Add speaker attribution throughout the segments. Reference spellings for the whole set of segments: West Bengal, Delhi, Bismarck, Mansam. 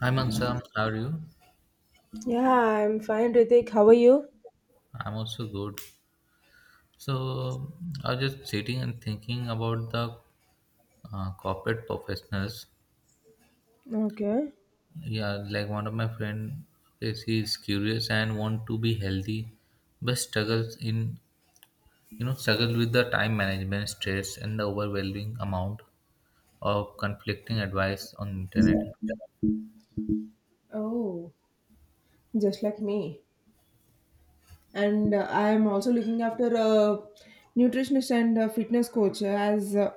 Speaker 1: Hi Mansam, how are you?
Speaker 2: Yeah, I'm fine, Ritik. How are you?
Speaker 1: I'm also good. So I was just sitting and thinking about the corporate professionals.
Speaker 2: Okay.
Speaker 1: Yeah, like one of my friend, okay, she is curious and want to be healthy, but struggles in you know struggles with the time management, stress, and the overwhelming amount of conflicting advice on internet.
Speaker 2: Oh, just like me. And I'm also looking after a nutritionist and a fitness coach as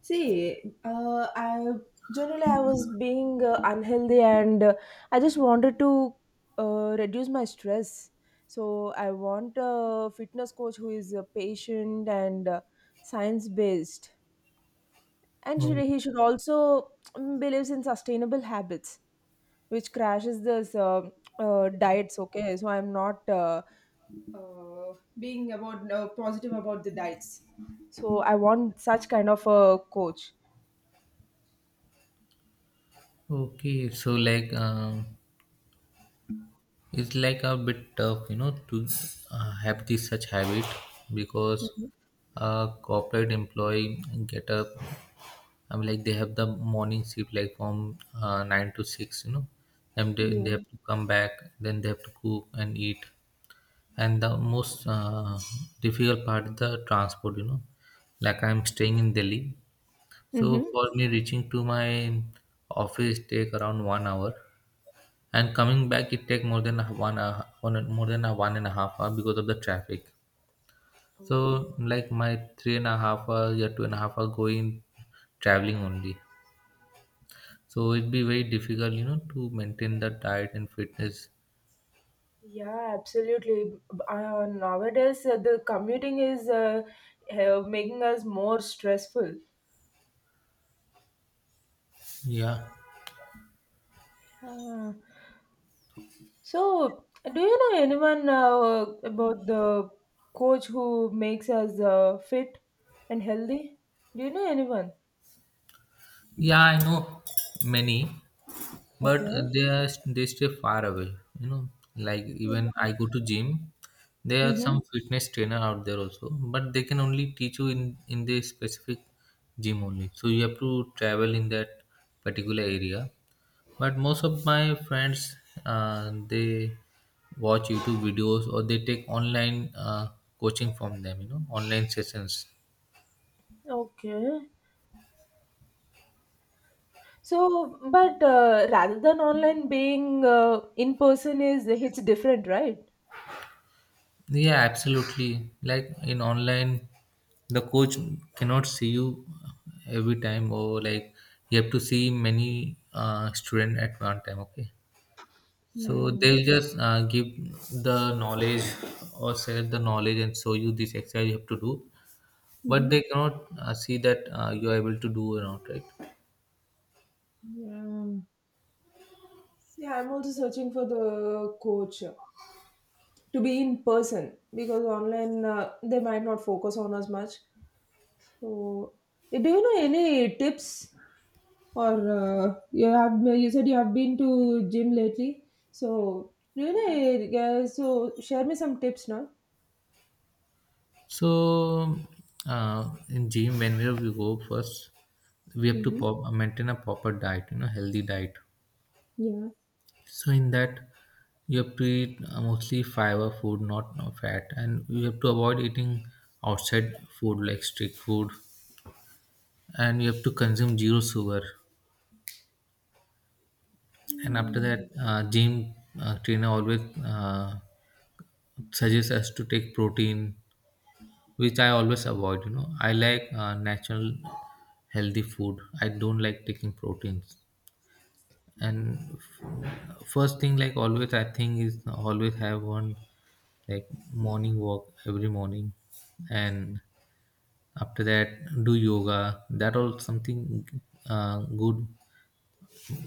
Speaker 2: see, I generally I was being unhealthy, and I just wanted to reduce my stress. So I want a fitness coach who is patient and science based. And should,
Speaker 1: Oh,
Speaker 2: he should also believes in sustainable habits, which crashes this diets. Okay, so I'm not uh, being about positive about the diets, so I want such kind of a coach.
Speaker 1: okay. So like it's like a bit tough, you know, to have this such habit because
Speaker 2: Mhm.
Speaker 1: a corporate employee get up. I mean, like they have the morning shift, like from 9 to 6, you know, and they,
Speaker 2: Yeah.
Speaker 1: they have to come back, then they have to cook and eat. And the most difficult part is the transport, you know, like I'm staying in Delhi, so
Speaker 2: Mm-hmm.
Speaker 1: for me reaching to my office take around 1 hour, and coming back, it take more than a 1.5 hours because of the traffic. So
Speaker 2: Oh,
Speaker 1: like my 3.5 hours, yeah, 2.5 hours going traveling only. So it'd be very difficult, you know, to maintain the diet and fitness.
Speaker 2: yeah, absolutely. Nowadays, the commuting is making us more stressful.
Speaker 1: Yeah,
Speaker 2: Uh, so, do you know anyone about the coach who makes us fit and healthy? Do you know anyone?
Speaker 1: yeah, I know many, but
Speaker 2: Okay.
Speaker 1: they stay far away. You know, like even
Speaker 2: Yeah.
Speaker 1: I go to gym. There are some
Speaker 2: Mm-hmm.
Speaker 1: fitness trainer out there also, but they can only teach you in the specific gym only. So you have to travel in that particular area. But most of my friends, they watch YouTube videos or they take online coaching from them. You know, online sessions.
Speaker 2: Okay. So, but rather than online being in person is it's different, right?
Speaker 1: Yeah, absolutely. Like in online, the coach cannot see you every time, or like you have to see many student at one time. Okay. So they'll
Speaker 2: Yeah.
Speaker 1: just give the knowledge or share the knowledge and show you this exercise you have to do, but
Speaker 2: Mm-hmm.
Speaker 1: they cannot see that you are able to do or not, right?
Speaker 2: Yeah. Yeah, I'm also searching for the coach to be in person, because online they might not focus on us much. So, do you know any tips or you said you have been to gym lately? So, do you know? So, share me some tips now.
Speaker 1: So in gym, whenever we go first, we have to
Speaker 2: Mm-hmm.
Speaker 1: maintain a proper diet, you know, healthy diet.
Speaker 2: Yeah.
Speaker 1: So in that, you have to eat mostly fiber food, not fat, and you have to avoid eating outside food like street food, and you have to consume zero sugar. And after that,
Speaker 2: Hmm.
Speaker 1: gym trainer always suggests us to take protein, which I always avoid. You know, I like natural, healthy food. I don't like taking proteins. And first thing, like always, I think is always have one like morning walk every morning, and after that do yoga. That all something good.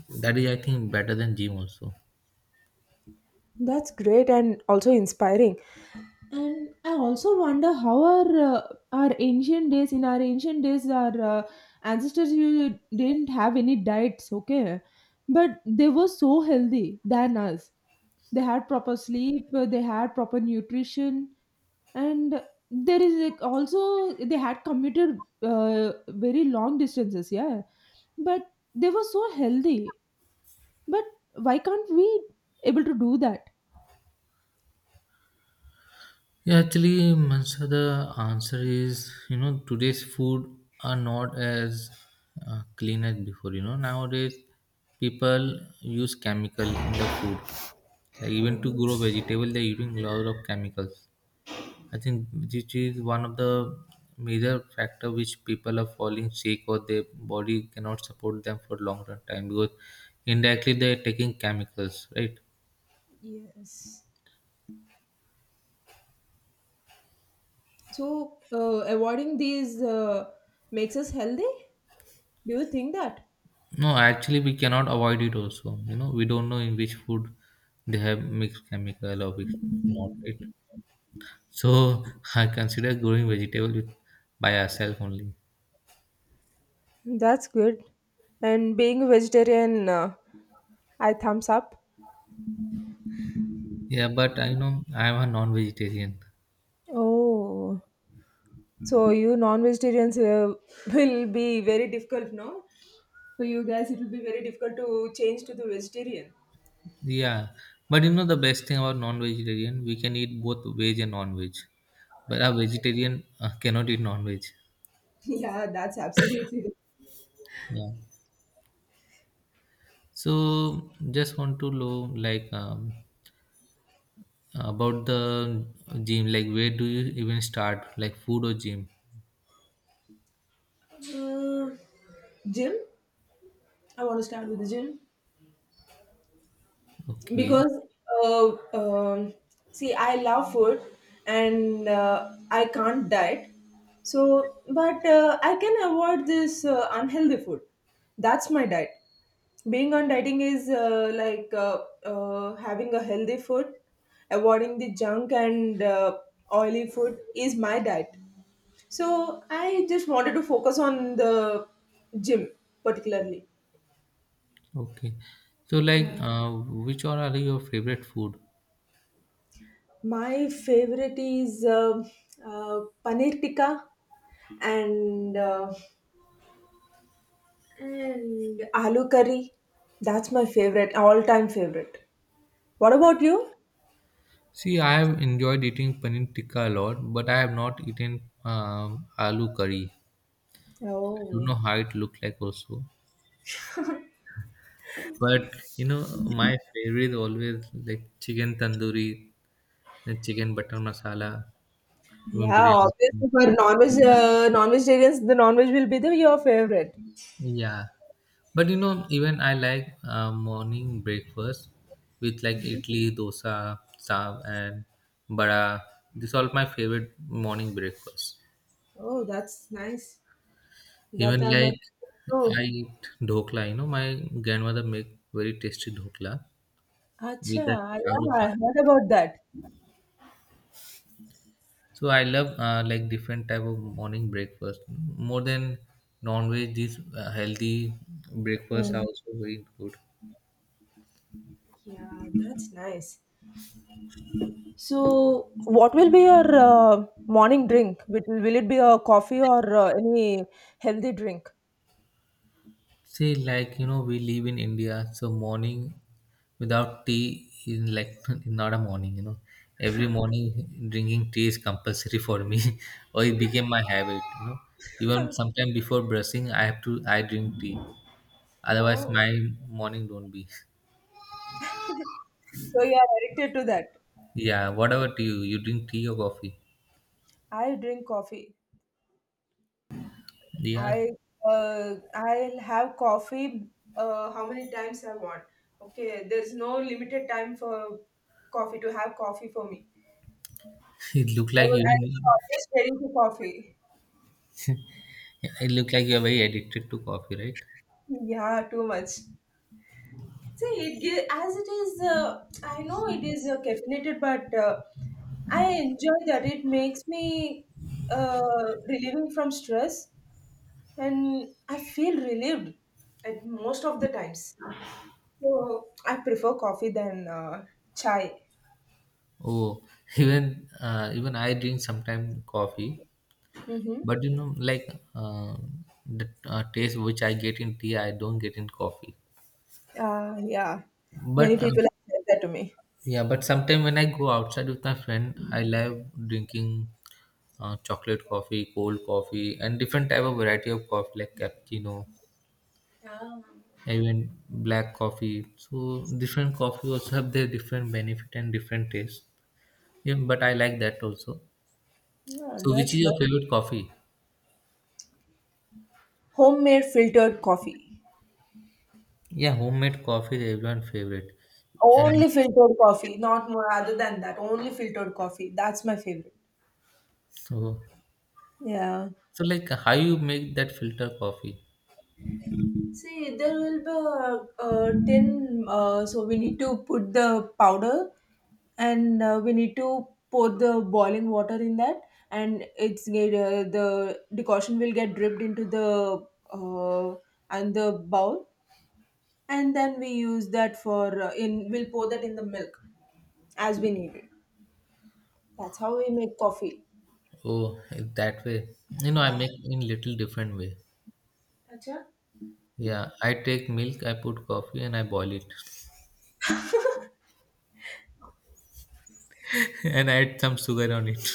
Speaker 1: That is, I think, better than gym also.
Speaker 2: That's great and also inspiring. And I also wonder how our ancient days in our ancient days our ancestors, you didn't have any diets, okay? But they were so healthy than us. They had proper sleep, they had proper nutrition, and there is like also they had commuted very long distances, yeah. But they were so healthy. But why can't we able to do that?
Speaker 1: Yeah, actually, Mansa, the answer is today's food are not as clean as before. You know, nowadays people use chemical in the food. Like even to
Speaker 2: Hmm.
Speaker 1: grow vegetable, they're using a lot of chemicals. I think which is one of the major factor which people are falling sick or their body cannot support them for long run time because indirectly they're taking chemicals, right?
Speaker 2: Yes. So, avoiding these makes us healthy? Do you think that?
Speaker 1: No, actually, we cannot avoid it also. You know, we don't know in which food they have mixed chemical or which not it. So I consider growing vegetable with, by ourselves only.
Speaker 2: That's good. And being a vegetarian, I thumbs up.
Speaker 1: Yeah, but I know I am a non-vegetarian.
Speaker 2: Oh, so you non-vegetarians will be very difficult, no? For you guys, it will be very difficult to change to the vegetarian.
Speaker 1: Yeah, but you know the best thing about non-vegetarian, we can eat both veg and non-veg. But a vegetarian cannot eat non-veg.
Speaker 2: Yeah, that's absolutely.
Speaker 1: Yeah. So just want to know like about the gym. Like where do you even start? Like food or gym?
Speaker 2: Right. Gym? I want to start with the gym.
Speaker 1: Okay,
Speaker 2: Because uh, um see, I love food, and I can't diet. So, but I can avoid this unhealthy food. That's my diet. Being on dieting is like, having a healthy food, avoiding the junk and oily food is my diet. So I just wanted to focus on the gym particularly.
Speaker 1: okay. So, like,
Speaker 2: Yeah.
Speaker 1: which all are your favorite food?
Speaker 2: My favorite is paneer tikka, and uh, and aloo curry. That's my favorite, all time favorite. What about you?
Speaker 1: See, I have enjoyed eating paneer tikka a lot, but I have not eaten aloo curry. I don't
Speaker 2: Oh,
Speaker 1: know how it looked like also. But you know, my favorite always like chicken tandoori, and chicken butter masala, even
Speaker 2: yeah,
Speaker 1: biryani.
Speaker 2: obviously for non-veg, non-vegetarians, the non-veg will be the your favorite.
Speaker 1: Yeah. But you know, even I like morning breakfast with like idli, dosa, saag, and bada. These are all my favorite morning breakfast.
Speaker 2: Oh, that's nice. That
Speaker 1: Even
Speaker 2: I'm a
Speaker 1: like I
Speaker 2: oh,
Speaker 1: eat dhokla. You know, my grandmother make very tasty dhokla
Speaker 2: acha,
Speaker 1: with that charu
Speaker 2: yeah, I
Speaker 1: pani.
Speaker 2: heard about that.
Speaker 1: So I love like different type of morning breakfast more than non-veg. These healthy breakfasts are
Speaker 2: Mm.
Speaker 1: also very good.
Speaker 2: Yeah, that's nice. So, what will be your morning drink? Will it be a coffee or any healthy drink?
Speaker 1: See, like you know, we live in India, so morning without tea is like not a morning. You know, every morning drinking tea is compulsory for me, or it became my habit. You know, even sometime before brushing, I have to I drink tea. Otherwise,
Speaker 2: Whoa.
Speaker 1: my morning don't be.
Speaker 2: So you are addicted to that.
Speaker 1: Yeah, whatever tea you drink, tea or coffee.
Speaker 2: I drink coffee.
Speaker 1: Yeah,
Speaker 2: I I'll have coffee how many times I want. Okay, there's no limited time for coffee to have coffee for me.
Speaker 1: it look
Speaker 2: I
Speaker 1: like
Speaker 2: will- I'm
Speaker 1: even
Speaker 2: always ready for coffee.
Speaker 1: it look like you are very addicted to coffee, right?
Speaker 2: Yeah, too much. See, as it is, I know it is caffeinated, but I enjoy that. It makes me uh, relieving from stress, and I feel relieved at most of the times. So I prefer coffee than chai.
Speaker 1: Oh, even I drink sometimes coffee.
Speaker 2: Mm-hmm.
Speaker 1: But you know, like the taste which I get in tea, I don't get in coffee.
Speaker 2: Yeah, many
Speaker 1: But
Speaker 2: people have said that to me.
Speaker 1: yeah, but sometimes when I go outside with my friend, I love drinking chocolate coffee, cold coffee, and different type of variety of coffee like cappuccino, even black coffee. So different coffee also have their different benefit and different taste. Yeah, but I like that also.
Speaker 2: Yeah,
Speaker 1: So which is
Speaker 2: that's nice.
Speaker 1: your favorite coffee?
Speaker 2: Homemade filtered coffee.
Speaker 1: Yeah, homemade coffee is everyone's favorite. And
Speaker 2: Only filtered coffee, not more other than that. Only filtered coffee. That's my favorite.
Speaker 1: so.
Speaker 2: Yeah.
Speaker 1: So, like, how you make that filter coffee?
Speaker 2: See, there will be a tin, so we need to put the powder, and we need to pour the boiling water in that, and it's get, the decoction will get dripped into the uh, and the bowl, and then we use that for in we'll pour that in the milk as we need it. That's how we make coffee.
Speaker 1: Oh, that way. You know, I
Speaker 2: Ah,
Speaker 1: make in little different way.
Speaker 2: acha.
Speaker 1: Yeah, I take milk, I put coffee and I boil it and I add some sugar on it.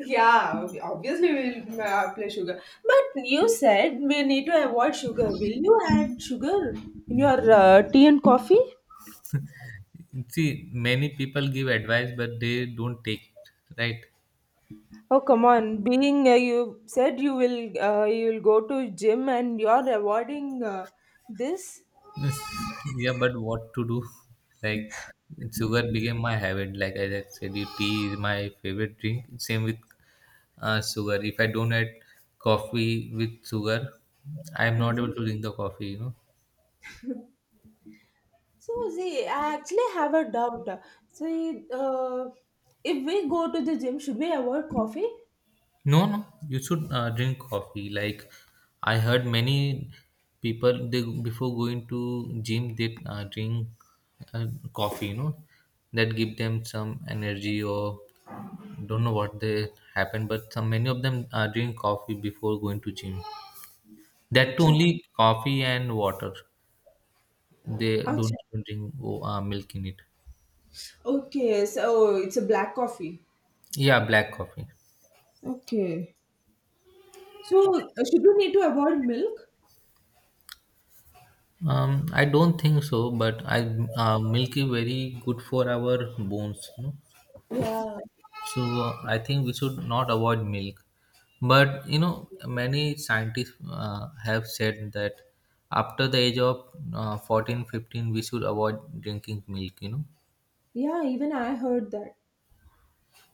Speaker 2: Yeah, obviously we'll play sugar. But you said we need to avoid sugar. Will you add sugar in your tea and coffee?
Speaker 1: See, many people give advice but they don't take it, right?
Speaker 2: Oh come on! Being you said you will go to gym, and you're avoiding this.
Speaker 1: Yeah, but what to do? Like sugar became my habit. Like I just said, you tea is my favorite drink. Same with sugar. If I don't add coffee with sugar, I am not able
Speaker 2: Mhm.
Speaker 1: to drink the coffee, you know.
Speaker 2: So see, I actually have a doubt. See, if we go to the gym, should we avoid coffee?
Speaker 1: No, no, you should drink coffee. Like I heard many people they before going to gym they drink uh, coffee. You know that give them some energy or don't know what they happen, but some many of them drink coffee before going to gym. That too
Speaker 2: Acha.
Speaker 1: only coffee and water. They don't
Speaker 2: Acha.
Speaker 1: drink milk in it.
Speaker 2: Okay, so it's a black coffee.
Speaker 1: Yeah, black coffee.
Speaker 2: Okay. So, should you need to avoid milk?
Speaker 1: I don't think so, but I milk is very good for our bones. You know.
Speaker 2: Yeah.
Speaker 1: So I think we should not avoid milk. But you know, many scientists have said that after the age of 14, 15, we should avoid drinking milk, you know,
Speaker 2: Yeah, even I heard that.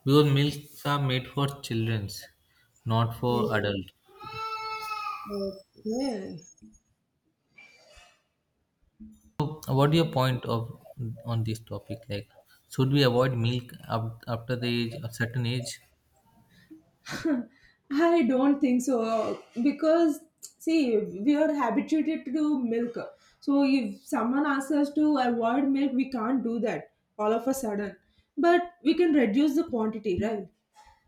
Speaker 1: because milks are made for childrens, not for
Speaker 2: Mm.
Speaker 1: adults.
Speaker 2: Okay.
Speaker 1: So what is your point of on this topic? Like, should we avoid milk after the age, a certain age?
Speaker 2: I don't think so because see, we are habituated to milk. So if someone asks us to avoid milk, we can't do that all of a sudden. But we can reduce the quantity, right?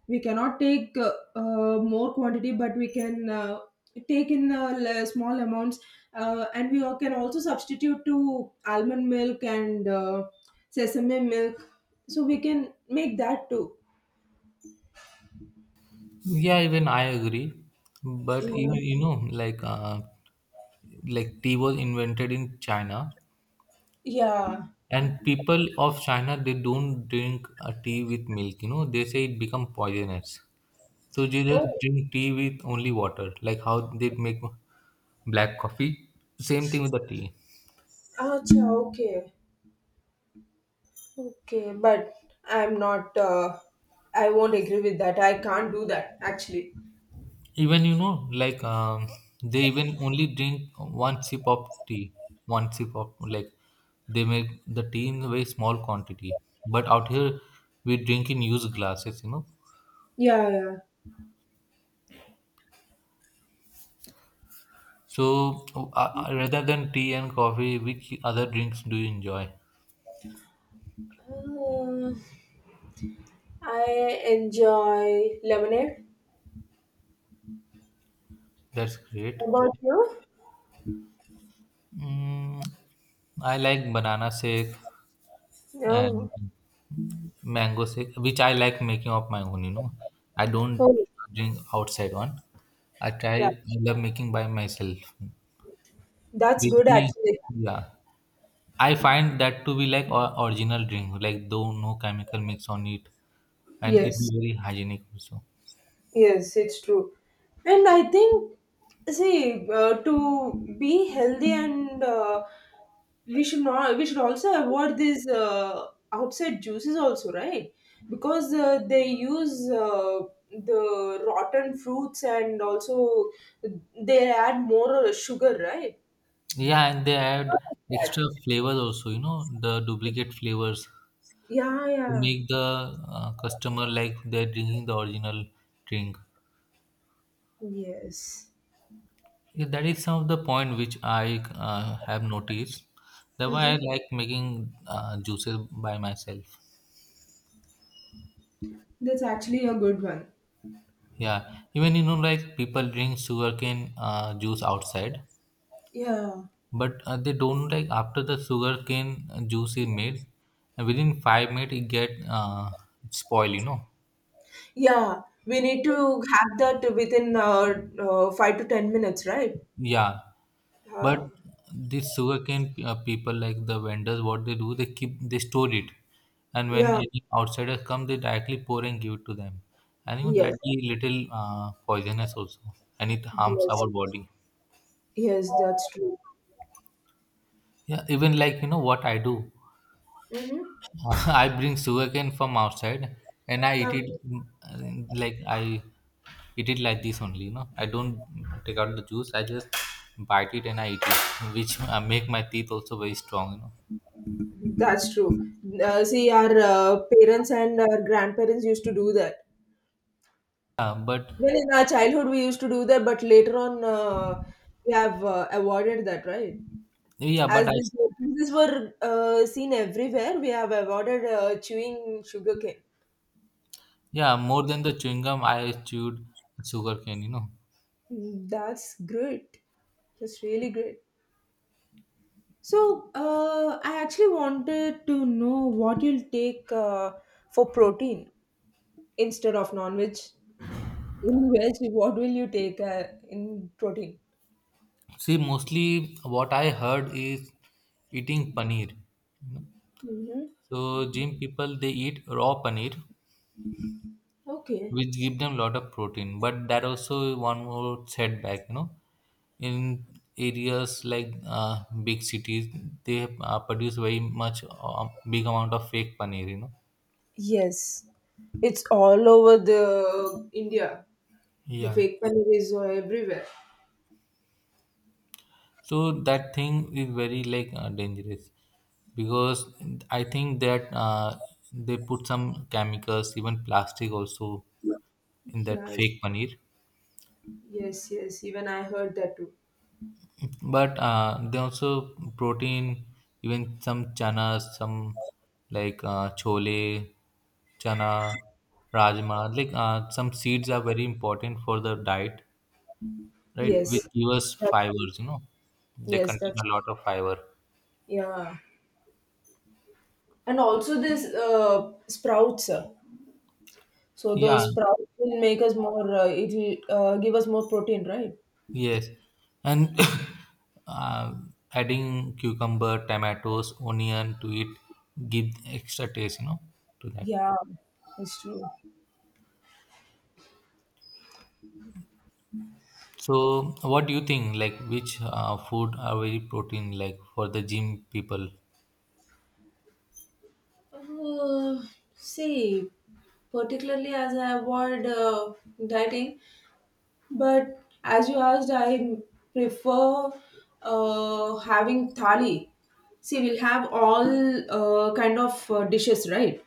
Speaker 2: We cannot take more quantity, but we can take in small amounts, and we all can also substitute to almond milk and sesame milk, so we can make that too.
Speaker 1: Yeah, even I agree. But
Speaker 2: Yeah,
Speaker 1: even you know, like tea was invented in China.
Speaker 2: yeah.
Speaker 1: And people of China, they don't drink tea with milk. You know, they say it become poisonous. So they just
Speaker 2: Oh,
Speaker 1: drink tea with only water, like how they make black coffee. Same thing with the tea.
Speaker 2: acha, okay, okay, but i'm not uh, I won't agree with that. I can't do that actually.
Speaker 1: Even you know, like they even only drink one sip of tea. One sip of like they make the tea in a very small quantity. But out here, we drink in huge glasses. You know.
Speaker 2: Yeah, yeah,
Speaker 1: So rather than tea and coffee, which other drinks do you enjoy?
Speaker 2: uh, I enjoy lemonade.
Speaker 1: That's great.
Speaker 2: How about you?
Speaker 1: Mm, I like banana shake and
Speaker 2: Oh,
Speaker 1: mango shake, which I like making of my own, you know. I don't
Speaker 2: oh,
Speaker 1: drink outside one. I try,
Speaker 2: yeah,
Speaker 1: I love making by myself.
Speaker 2: that's
Speaker 1: Which
Speaker 2: good
Speaker 1: be,
Speaker 2: actually.
Speaker 1: yeah. I find that to be like or original drink, like though no chemical mix on it, and it be
Speaker 2: Yes,
Speaker 1: very hygienic also.
Speaker 2: yes, it's true. And I think, see, to be healthy and we should not, we should also avoid these outside juices also, right? Because they use the rotten fruits, and also they add more sugar, right?
Speaker 1: Yeah, and they add
Speaker 2: Lot of that.
Speaker 1: extra flavors also, you know, the duplicate flavors
Speaker 2: Yeah,
Speaker 1: to
Speaker 2: yeah,
Speaker 1: make the customer like they're drinking the original drink.
Speaker 2: yes.
Speaker 1: Yeah, that is some of the point which I have noticed. That's why I
Speaker 2: Mm-hmm.
Speaker 1: like making juices by myself.
Speaker 2: That's actually a good one.
Speaker 1: Yeah, even you know, like people drink sugarcane juice outside,
Speaker 2: Yeah,
Speaker 1: but they don't like after the sugarcane juice is made, and within 5 minutes it get spoil. You know,
Speaker 2: yeah. We need to have that within 5 to 10 minutes, right?
Speaker 1: yeah. But
Speaker 2: Uh,
Speaker 1: this sugarcane people, like the vendors, what they do, they store it, and when
Speaker 2: yeah.
Speaker 1: any outsiders come, they directly pour and give it to them, and you know that
Speaker 2: Yes.
Speaker 1: is little poisonous also, and it harms
Speaker 2: Yes.
Speaker 1: our body.
Speaker 2: Yes. That's true.
Speaker 1: Yeah, even like you know what I do,
Speaker 2: Mm-hmm.
Speaker 1: I bring sugarcane from outside, and
Speaker 2: Yeah,
Speaker 1: I eat it like this only. You know, I don't take out the juice. I just bite it and I eat it, which make my teeth also very strong. You know,
Speaker 2: that's true. See, our parents and our grandparents used to do that.
Speaker 1: but.
Speaker 2: Even in our childhood, we used to do that, but later on, we have avoided that, right?
Speaker 1: Yeah, but
Speaker 2: As these were seen everywhere, we have avoided chewing sugarcane.
Speaker 1: yeah, more than the chewing gum, I chewed sugarcane, you know.
Speaker 2: Mm, that's great. That's really great. So, I actually wanted to know what you'll take for protein instead of non-veg. In veg, what will you take in protein?
Speaker 1: See, mostly what I heard is eating paneer. You know?
Speaker 2: Mm-hmm.
Speaker 1: So gym people they eat raw paneer,
Speaker 2: Okay.
Speaker 1: which give them lot of protein. But that also one more setback, you know. In areas like big cities, they produce very much big amount of fake paneer, you know.
Speaker 2: Yes, it's all over the India. The
Speaker 1: Yeah.
Speaker 2: fake paneer is everywhere.
Speaker 1: So that thing is very like dangerous because I think that they put some chemicals, even plastic also, in that
Speaker 2: Yes,
Speaker 1: fake paneer.
Speaker 2: yes, yes. Even I heard that too.
Speaker 1: But they also protein, even some chana, some like chole, chana, rajma, like some seeds are very important for the diet, right, which
Speaker 2: Yes,
Speaker 1: give us
Speaker 2: that's true.
Speaker 1: fibers. They
Speaker 2: Yes, that's
Speaker 1: contain a
Speaker 2: true.
Speaker 1: lot of fiber.
Speaker 2: Yeah. And also this sprouts. So
Speaker 1: Yeah.
Speaker 2: those sprouts will make us more. It will give us more protein, right?
Speaker 1: Yes, and uh, adding cucumber, tomatoes, onion to it give extra taste, to that.
Speaker 2: Yeah, it's true.
Speaker 1: So, what do you think? Like, which food are very protein like for the gym people?
Speaker 2: Uh, See, particularly as I avoid dieting, but as you asked, I prefer having thali. See, we'll have all kind of dishes, right?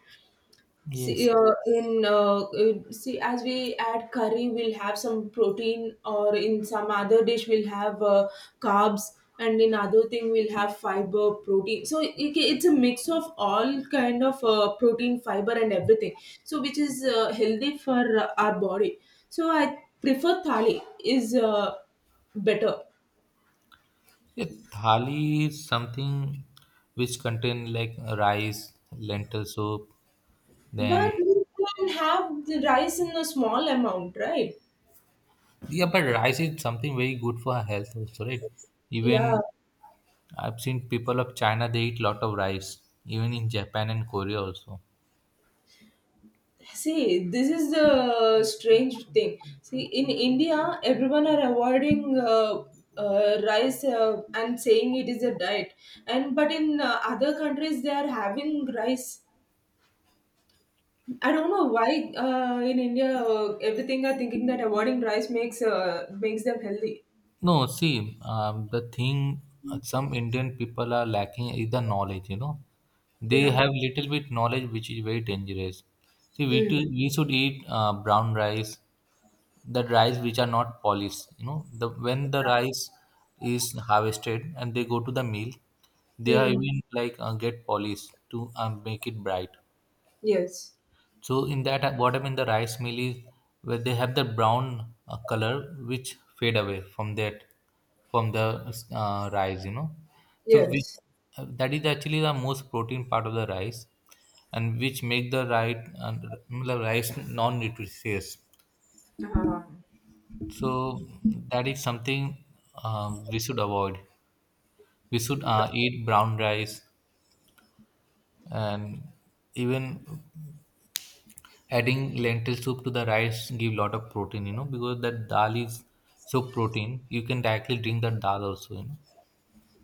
Speaker 2: See,
Speaker 1: Yes,
Speaker 2: in see, as we add curry, we'll have some protein, or in some other dish, we'll have carbs, and in other thing, we'll have fiber, protein. So it's a mix of all kind of protein, fiber, and everything. So which is healthy for our body. So I prefer thali is better,
Speaker 1: yeah, thali is something which contain like rice, lentil soup. Then,
Speaker 2: but we can have the rice in a small amount, right?
Speaker 1: yeah, but rice is something very good for our health also, right?
Speaker 2: Yeah.
Speaker 1: Even I've seen people of China they eat lot of rice, even in Japan and Korea also.
Speaker 2: See, this is the strange thing. See, in India, everyone are avoiding rice and saying it is a diet, and but in other countries they are having rice. I don't know why in India everything are thinking that avoiding rice makes them healthy.
Speaker 1: No, see, the thing some Indian people are lacking is the knowledge. They
Speaker 2: Yeah.
Speaker 1: have little bit knowledge, which is very dangerous. See, we too,
Speaker 2: Mm.
Speaker 1: we should eat brown rice, the rice which are not polished. You know, the when the rice is harvested and they go to the mill, they are
Speaker 2: Hmm.
Speaker 1: even like get polished to make it bright.
Speaker 2: Yes.
Speaker 1: So in that bottom in the rice mill is where they have the brown color which fade away from that, from the uh, rice. So which,
Speaker 2: Yes.
Speaker 1: that is actually the most protein part of the rice, and which make the right the rice non-nutritious.
Speaker 2: Uh,
Speaker 1: So that is something we should avoid. We should eat brown rice, and even adding lentil soup to the rice give lot of protein, because that dal is so protein. You can directly drink that dal also.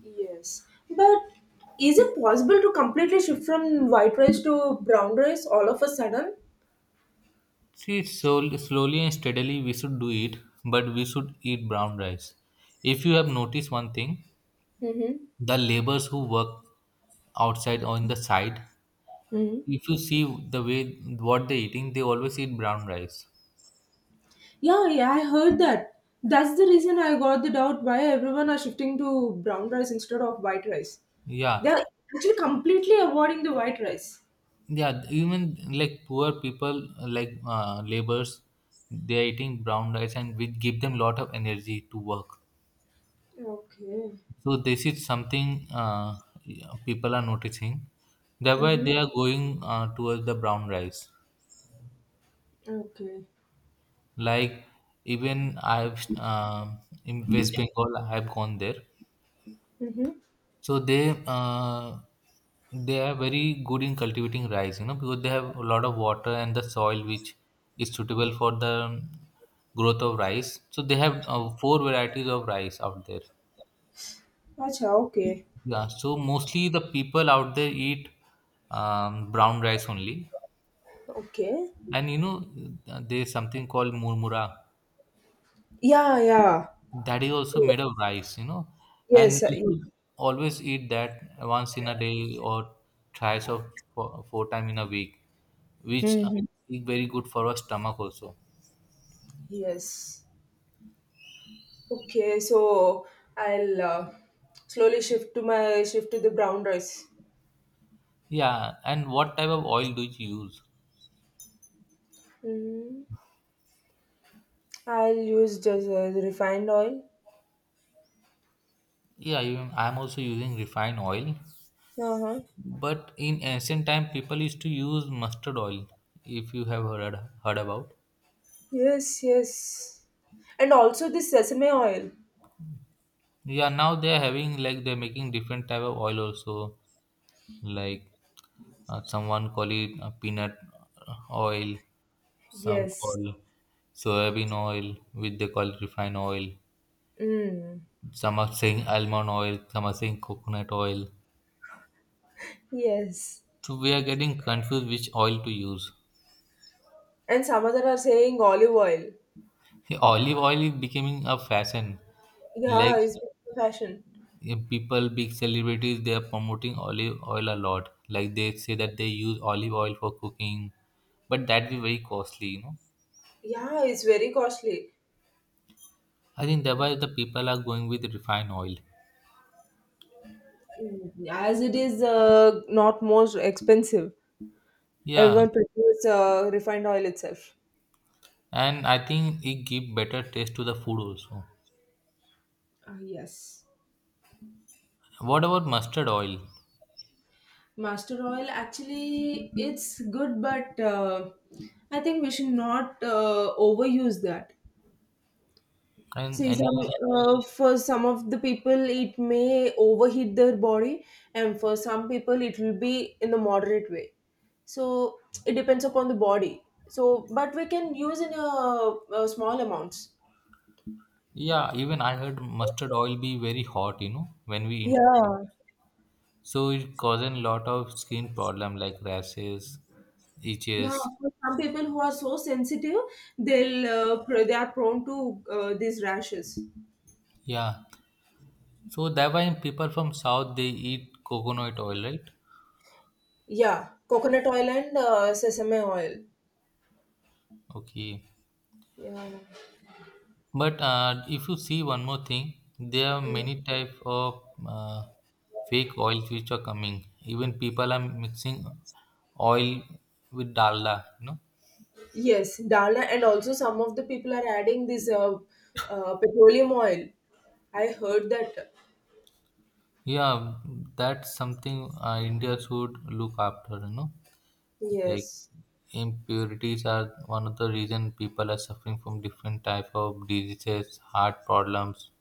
Speaker 2: Yes, but is it possible to completely shift from white rice to brown rice all of a sudden?
Speaker 1: See, so slowly and steadily we should do it, but we should eat brown rice. If you have noticed one thing,
Speaker 2: Mm-hmm.
Speaker 1: the laborers who work outside or in the side, if
Speaker 2: Mm-hmm.
Speaker 1: you see the way what they're eating, they always eat brown rice.
Speaker 2: Yeah, yeah, I heard that. That's the reason I got the doubt why everyone are shifting to brown rice instead of white rice.
Speaker 1: Yeah,
Speaker 2: They're actually completely avoiding the white rice.
Speaker 1: yeah, even like poor people, like laborers, they are eating brown rice, and which give them lot of energy to work.
Speaker 2: Okay,
Speaker 1: So this is something people are noticing. Thereby
Speaker 2: Mm-hmm.
Speaker 1: they are going towards the brown rice.
Speaker 2: Okay.
Speaker 1: Like even I've in West Bengal, I have gone there.
Speaker 2: Mm-hmm.
Speaker 1: So they are very good in cultivating rice, you know, because they have a lot of water and the soil which is suitable for the growth of rice. So they have four varieties of rice out there.
Speaker 2: Acha, okay.
Speaker 1: Yeah, so mostly the people out there eat brown rice only,
Speaker 2: Okay.
Speaker 1: and you know, there's something called murmura.
Speaker 2: Yeah, yeah.
Speaker 1: That is also made of rice, you know, and
Speaker 2: Yes,
Speaker 1: you should always eat that once in a day or thrice or four, four time in a week, which
Speaker 2: Mm-hmm.
Speaker 1: is very good for our stomach also.
Speaker 2: Yes. Okay, so I'll slowly shift to the brown rice.
Speaker 1: Yeah, and what type of oil do you use?
Speaker 2: hmm I'll use just the refined oil.
Speaker 1: Yeah, even I'm also using refined oil,
Speaker 2: Uh huh.
Speaker 1: but in ancient time people used to use mustard oil. If you have heard about,
Speaker 2: Yes, yes, and also the sesame oil.
Speaker 1: yeah, now they're having like they're making different type of oil also, like someone call it peanut oil, some
Speaker 2: Yes.
Speaker 1: call soybean oil, which they call refined oil.
Speaker 2: Mm.
Speaker 1: Some are saying almond oil, some are saying coconut oil.
Speaker 2: Yes.
Speaker 1: So we are getting confused which oil to use.
Speaker 2: And some other are saying olive oil.
Speaker 1: Olive oil is becoming a fashion. Like
Speaker 2: Yeah, it's fashion.
Speaker 1: people, big celebrities, they are promoting olive oil a lot. Like they say that they use olive oil for cooking, but that be very costly, you know.
Speaker 2: Yeah, it's very costly.
Speaker 1: I think that why the people are going with refined oil.
Speaker 2: Mm. As it is not most expensive,
Speaker 1: Yeah,
Speaker 2: everyone prefers refined oil itself.
Speaker 1: and I think it give better taste to the food also.
Speaker 2: Ah yes.
Speaker 1: What about mustard oil?
Speaker 2: Master oil actually it's good, but I think we should not overuse that.
Speaker 1: And
Speaker 2: See, some
Speaker 1: any
Speaker 2: for some of the people it may overheat their body, and for some people it will be in the moderate way. So it depends upon the body. So, but we can use in a small amounts.
Speaker 1: yeah, even I heard mustard oil be very hot, you know, when we intake.
Speaker 2: Yeah.
Speaker 1: So it causing lot of skin problem like rashes,
Speaker 2: Yeah,
Speaker 1: itches.
Speaker 2: for some people who are so sensitive, they'll they are prone to these rashes.
Speaker 1: Yeah. So that why people from south they eat coconut oil, right?
Speaker 2: Yeah, coconut oil and sesame oil.
Speaker 1: Okay.
Speaker 2: Yeah.
Speaker 1: But if you see one more thing, there are
Speaker 2: Mm.
Speaker 1: many type of fake oils which are coming. Even people are mixing oil with dalda. You know,
Speaker 2: Yes, dal, and also some of the people are adding this petroleum oil. I heard that.
Speaker 1: yeah, that's something India should look after. You know, like
Speaker 2: Yes,
Speaker 1: impurities are one of the reason people are suffering from different type of diseases, heart problems.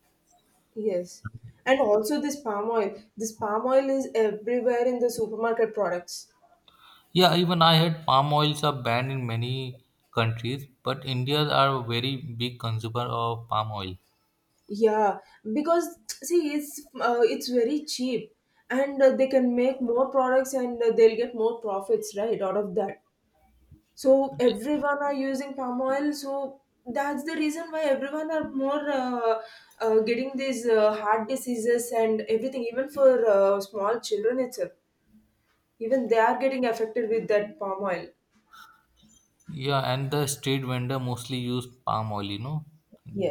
Speaker 2: yes. And also this palm oil. This palm oil is everywhere in the supermarket products.
Speaker 1: Yeah, even I heard palm oils are banned in many countries, but Indians are a very big consumer of palm oil.
Speaker 2: Yeah, because see, it's very cheap, and they can make more products, and they'll get more profits, right, out of that. So everyone are using palm oil, so that's the reason why everyone are more getting these heart diseases and everything, even for small children itself, even they are getting affected with that palm oil.
Speaker 1: Yeah, and the street vendor mostly use palm oil, you know,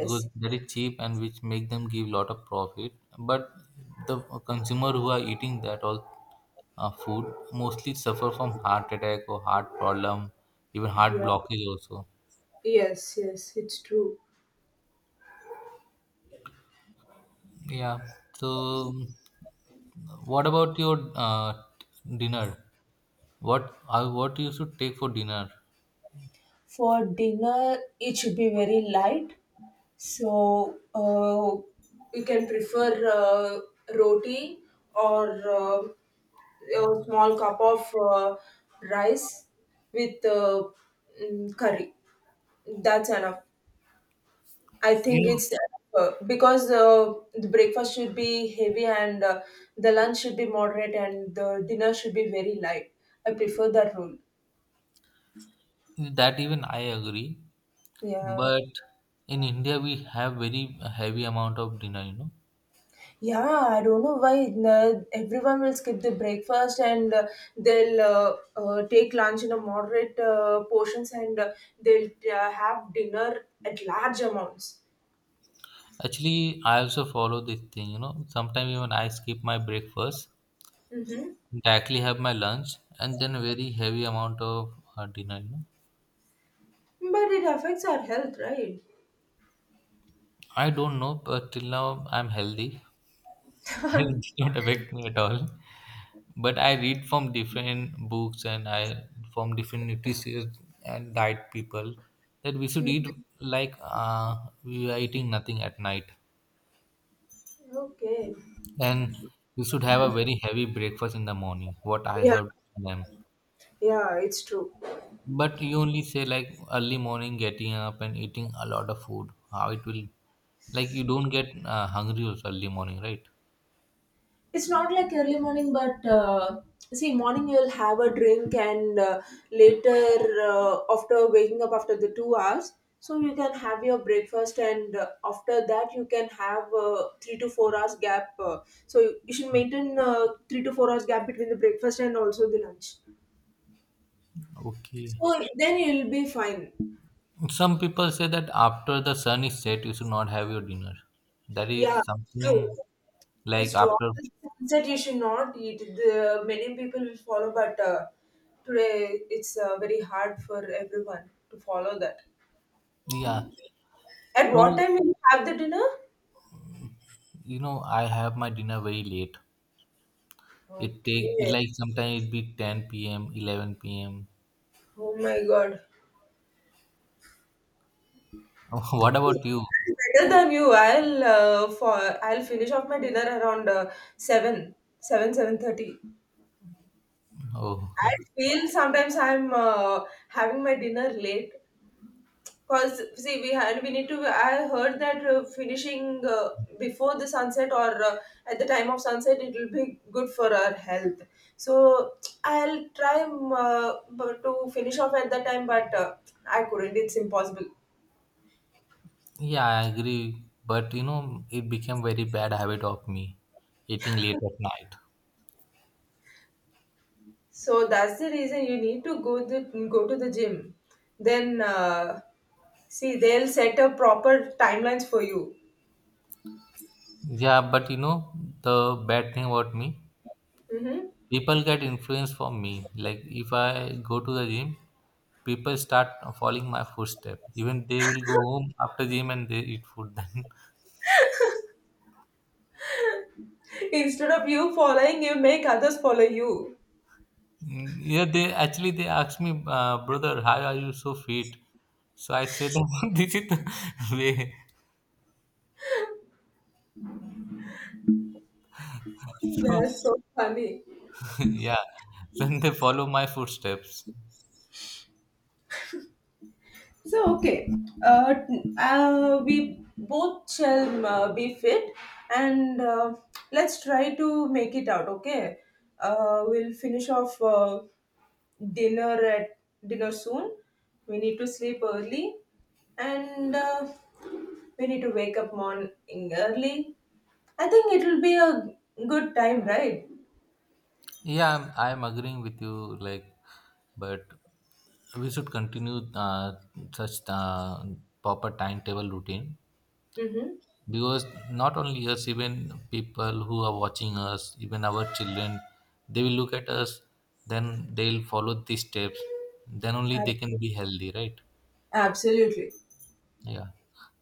Speaker 1: because that is cheap and which make them give lot of profit. But the consumer who are eating that all food mostly suffer from heart attack or heart problem, even heart
Speaker 2: Yeah,
Speaker 1: blockage also.
Speaker 2: yes, yes, it's true.
Speaker 1: Yeah. So, what about your dinner? What you should take for dinner?
Speaker 2: For dinner, it should be very light. So you can prefer roti or a small cup of rice with curry. That's enough. I
Speaker 1: You
Speaker 2: think
Speaker 1: know,
Speaker 2: it's because the breakfast should be heavy, and the lunch should be moderate, and the dinner should be very light. I prefer that rule.
Speaker 1: that even I agree,
Speaker 2: Yeah.
Speaker 1: but in India we have very heavy amount of dinner. You know,
Speaker 2: Yeah, I don't know why everyone will skip the breakfast, and they'll take lunch in a moderate portions, and they'll have dinner at large amounts.
Speaker 1: actually I also follow this thing. You know, sometimes even I skip my breakfast,
Speaker 2: Mm-hmm.
Speaker 1: directly have my lunch, and then very heavy amount of dinner. You know,
Speaker 2: But it affects our health, right?
Speaker 1: I don't know, but till now I'm healthy. It did not affect me at all. But I read from different books, and I from different nutritionists and diet people, that we should eat like we are eating nothing at night,
Speaker 2: Okay.
Speaker 1: and we should have a very heavy breakfast in the morning. What I
Speaker 2: Yeah,
Speaker 1: heard from them,
Speaker 2: yeah, it's true.
Speaker 1: but you only say like early morning getting up and eating a lot of food. How it will, like you don't get hungry also early morning, right?
Speaker 2: It's not like early morning, but see, morning you'll have a drink, and later, after waking up after the 2 hours, so you can have your breakfast, and after that, you can have 3 to 4 hours gap. So you should maintain 3 to 4 hours gap between the breakfast and also the lunch.
Speaker 1: Okay.
Speaker 2: So then you'll be fine.
Speaker 1: Some people say that after the sun is set, you should not have your dinner. That
Speaker 2: Yeah,
Speaker 1: is
Speaker 2: true.
Speaker 1: something like
Speaker 2: It's true.
Speaker 1: after,
Speaker 2: Often said you should not eat. The many people will follow, but today it's very hard for everyone to follow that.
Speaker 1: yeah.
Speaker 2: At
Speaker 1: So,
Speaker 2: what time will you have the dinner?
Speaker 1: you know, I have my dinner very late. It
Speaker 2: Okay.
Speaker 1: take it like sometimes it be 10 p.m., 11 p.m.
Speaker 2: Oh my God.
Speaker 1: What about you?
Speaker 2: Better than you. I'll finish off my dinner around seven, 7:30.
Speaker 1: Oh,
Speaker 2: I feel sometimes I'm having my dinner late. Because see, we need to. I heard that finishing before the sunset or at the time of sunset, it will be good for our health. So I'll try but to finish off at that time, but I couldn't. It's impossible.
Speaker 1: yeah, I agree. But you know, it became very bad habit of me eating late at night.
Speaker 2: So that's the reason you need to go to the gym. Then see, they'll set up proper timelines for you.
Speaker 1: Yeah, but you know, the bad thing about me,
Speaker 2: hmm
Speaker 1: people get influenced from me. Like if I go to the gym, people start following my footstep. Even they will go home after gym and they eat food. Then,
Speaker 2: Instead of you following, you make others follow you.
Speaker 1: mm, yeah, they actually they ask me, brother, how are you so fit? So I say that this is the way. So
Speaker 2: That's so funny.
Speaker 1: yeah, then they follow my footsteps.
Speaker 2: So, okay, uh, we both shall be fit and let's try to make it out, okay? We'll finish off dinner at dinner soon. We need to sleep early, and we need to wake up morning early. I think it will be a good time, right?
Speaker 1: Yeah, I'm agreeing with you. Like, but we should continue such proper timetable routine,
Speaker 2: Mm-hmm.
Speaker 1: because not only us, even people who are watching us, even our children, they will look at us, then they'll follow these steps, then only they can be healthy, right?
Speaker 2: Absolutely.
Speaker 1: Yeah,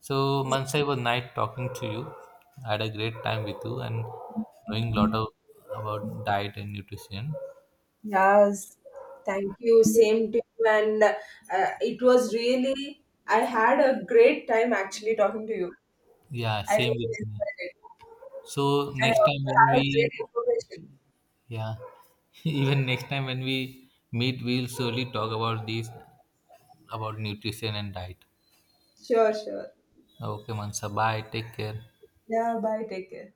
Speaker 1: so Mansai, was nice talking to you. I had a great time with you and knowing a lot of about diet and nutrition.
Speaker 2: Yes, thank you. Same to you. And it was really, I had a great time actually talking to you.
Speaker 1: Yeah,
Speaker 2: I
Speaker 1: same with
Speaker 2: really
Speaker 1: me.
Speaker 2: enjoyed it.
Speaker 1: So
Speaker 2: And I
Speaker 1: next
Speaker 2: also
Speaker 1: time when
Speaker 2: had a
Speaker 1: we,
Speaker 2: great information.
Speaker 1: yeah, even next time when we meet, we'll surely talk about this, about nutrition and diet.
Speaker 2: Sure, sure.
Speaker 1: Okay, Mansa. Bye. Take care.
Speaker 2: Yeah, bye. Take care.